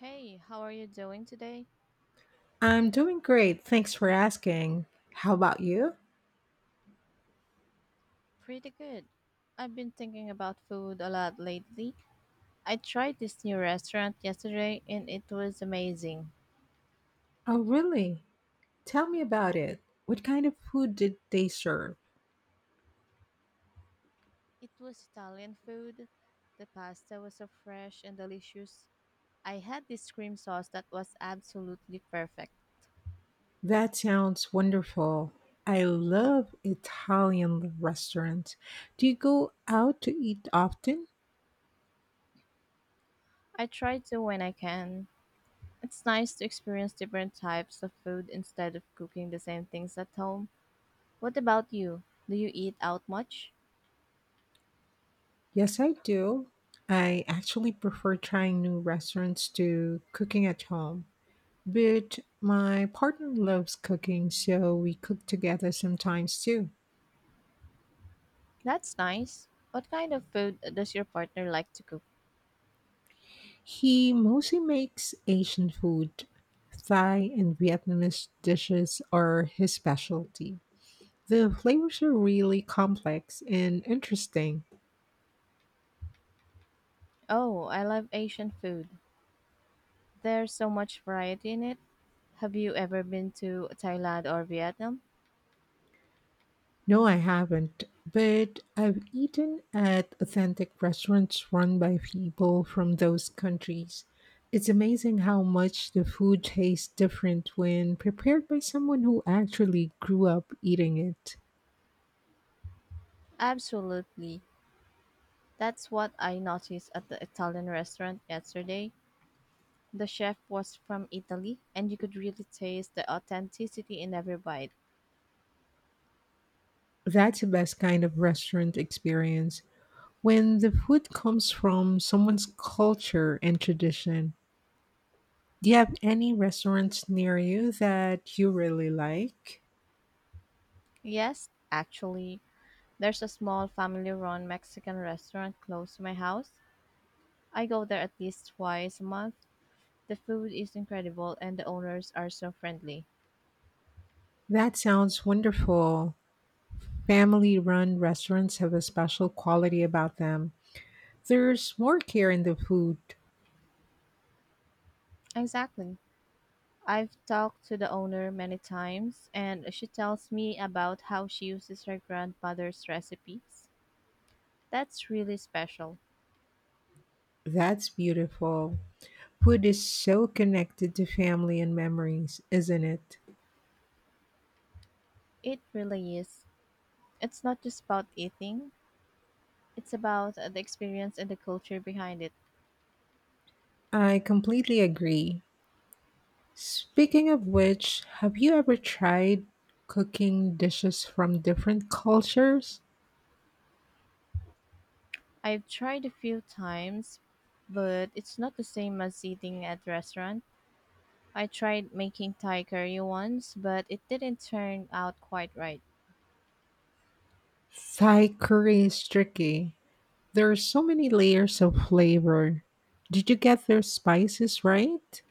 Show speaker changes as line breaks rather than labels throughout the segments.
Hey, how are you doing today?
I'm doing great. Thanks for asking. How about you?
Pretty good. I've been thinking about food a lot lately. I tried this new restaurant yesterday and it was amazing.
Oh, really? Tell me about it. What kind of food did they serve?
It was Italian food. The pasta was so fresh and delicious. I had this cream sauce that was absolutely perfect.
That sounds wonderful. I love Italian restaurants. Do you go out to eat often?
I try to when I can. It's nice to experience different types of food instead of cooking the same things at home. What about you? Do you eat out much?
Yes, I do. I actually prefer trying new restaurants to cooking at home. But my partner loves cooking, so we cook together sometimes too.
That's nice. What kind of food does your partner like to cook?
He mostly makes Asian food. Thai and Vietnamese dishes are his specialty. The flavors are really complex and interesting.
Oh, I love Asian food. There's so much variety in it. Have you ever been to Thailand or Vietnam?
No, I haven't, but I've eaten at authentic restaurants run by people from those countries. It's amazing how much the food tastes different when prepared by someone who actually grew up eating it.
Absolutely. That's what I noticed at the Italian restaurant yesterday. The chef was from Italy, and you could really taste the authenticity in every bite.
That's the best kind of restaurant experience. When the food comes from someone's culture and tradition, do you have any restaurants near you that you really like?
Yes, actually, there's a small family run Mexican restaurant close to my house. I go there at least twice a month. The food is incredible and the owners are so friendly.
That sounds wonderful. Family run restaurants have a special quality about them. There's more care in the food.
Exactly. I've talked to the owner many times, and she tells me about how she uses her grandmother's recipes. That's really special.
That's beautiful. Food is so connected to family and memories, isn't it?
It really is. It's not just about eating, it's about the experience and the culture behind it.
I completely agree. Speaking of which, have you ever tried cooking dishes from different cultures?
I've tried a few times, but it's not the same as eating at restaurant. I tried making Thai curry once, but it didn't turn out quite right.
Thai curry is tricky. There are so many layers of flavor. Did you get their spices right?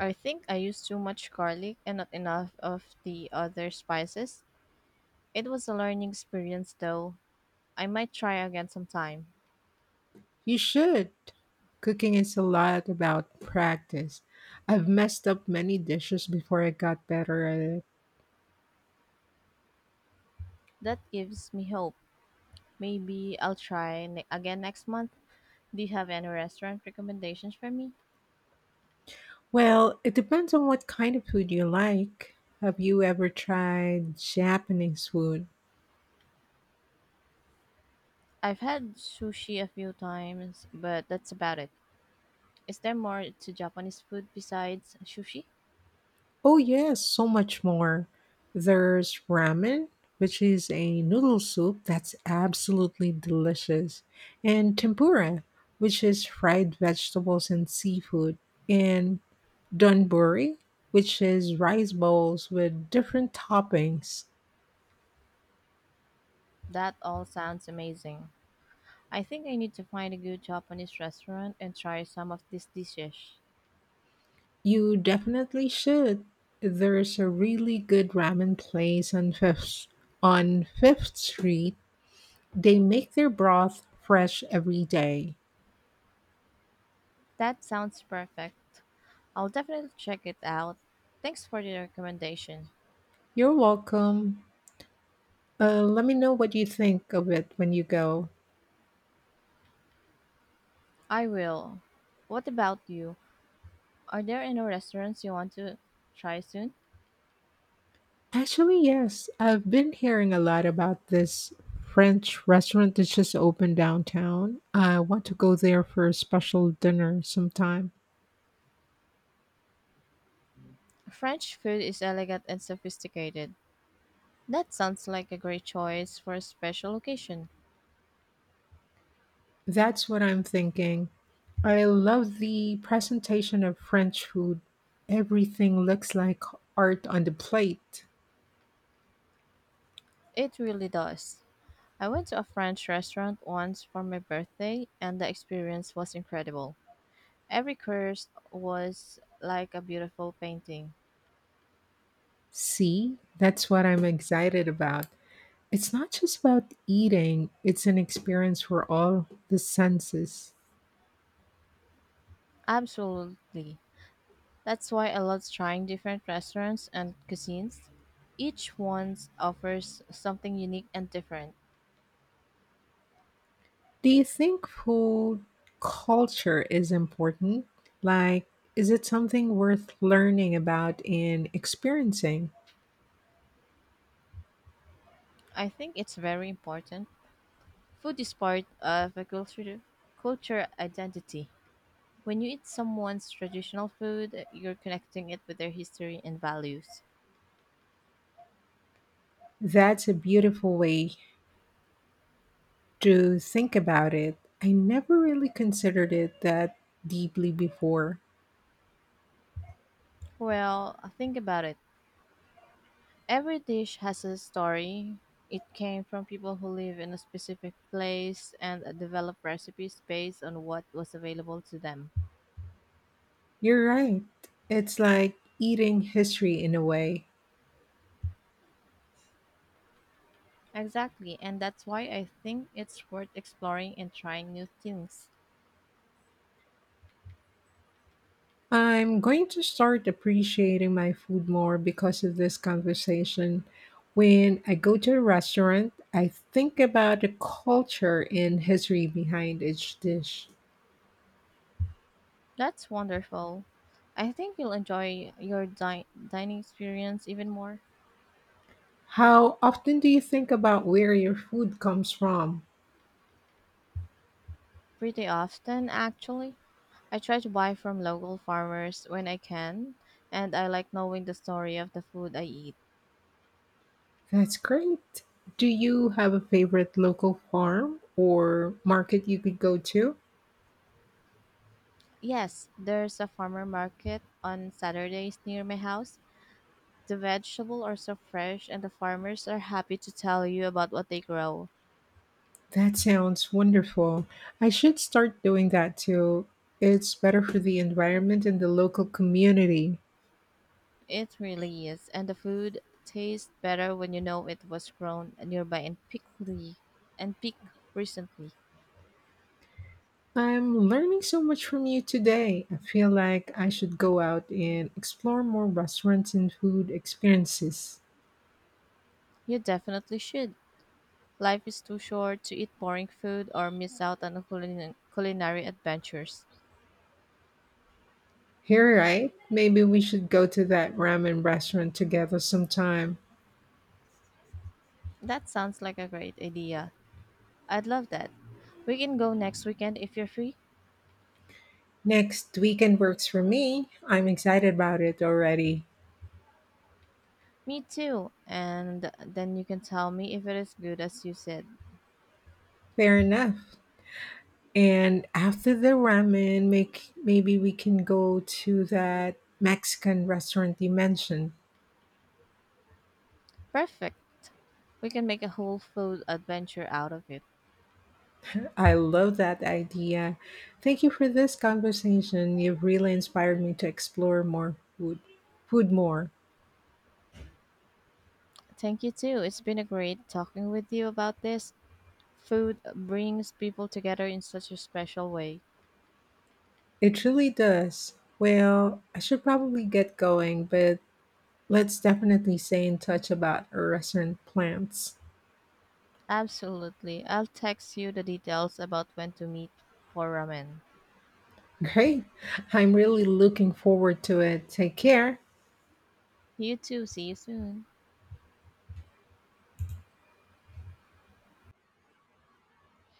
I think I used too much garlic and not enough of the other spices. It was a learning experience though. I might try again sometime.
You should. Cooking is a lot about practice. I've messed up many dishes before I got better at it.
That gives me hope. Maybe I'll again next month. Do you have any restaurant recommendations for me?
Well, it depends on what kind of food you like. Have you ever tried Japanese food?
I've had sushi a few times, but that's about it. Is there more to Japanese food besides sushi?
Oh, yes, so much more. There's ramen, which is a noodle soup that's absolutely delicious, and tempura, which is fried vegetables and seafood, and donburi, which is rice bowls with different toppings.
That all sounds amazing. I think I need to find a good Japanese restaurant and try some of these dishes.
You definitely should. There's a really good ramen place on Fifth Street. They make their broth fresh every day.
That sounds perfect. I'll definitely check it out. Thanks for the recommendation.
You're welcome. Let me know what you think of it when you go.
I will. What about you? Are there any restaurants you want to try soon?
Actually, yes, I've been hearing a lot about this French restaurant that just opened downtown. I want to go there for a special dinner sometime.
French food is elegant and sophisticated. That sounds like a great choice for a special occasion.
That's what I'm thinking. I love the presentation of French food. Everything looks like art on the plate.
It really does. I went to a French restaurant once for my birthday, and the experience was incredible. Every course was like a beautiful painting.
See, that's what I'm excited about. It's not just about eating, it's an experience for all the senses.
Absolutely. That's why I love trying different restaurants and cuisines. Each one offers something unique and different.
Do you think food culture is important? Like, is it something worth learning about and experiencing?
I think it's very important. Food is part of a culture identity. When you eat someone's traditional food, you're connecting it with their history and values.
That's a beautiful way to think about it. I never really considered it that deeply before.
Well, think about it. Every dish has a story. It came from people who live in a specific place and develop recipes based on what was available to them.
You're right. It's like eating history in a way.
Exactly, and that's why I think it's worth exploring and trying new things.
I'm going to start appreciating my food more because of this conversation. When I go to a restaurant, I think about the culture and history behind each dish.
That's wonderful. I think you'll enjoy your dining experience even more.
How often do you think about where your food comes from?
Pretty often, actually. I try to buy from local farmers when I can, and I like knowing the story of the food I eat.
That's great. Do you have a favorite local farm or market you could go to?
Yes, there's a farmer market on Saturdays near my house. The vegetables are so fresh, and the farmers are happy to tell you about what they grow.
That sounds wonderful. I should start doing that too. It's better for the environment and the local community.
It really is, and the food tastes better when you know it was grown nearby and pickly and picked recently.
I'm learning so much from you today. I feel like I should go out and explore more restaurants and food experiences.
You definitely should. Life is too short to eat boring food or miss out on culinary adventures.
Here, right? Maybe we should go to that ramen restaurant together sometime.
That sounds like a great idea. I'd love that. We can go next weekend if you're free.
Next weekend works for me. I'm excited about it already.
Me too. And then you can tell me if it is good as you said.
Fair enough. And after the ramen, make maybe we can go to that Mexican restaurant you mentioned.
Perfect. We can make a whole food adventure out of it.
I love that idea. Thank you for this conversation. You've really inspired me to explore food more.
Thank you too. It's been a great talking with you about this. Food brings people together in such a special way.
It really does. Well, I should probably get going, but let's definitely stay in touch about our restaurant plans.
Absolutely. I'll text you the details about when to meet for ramen.
Great. I'm really looking forward to it. Take care.
You too. See you soon.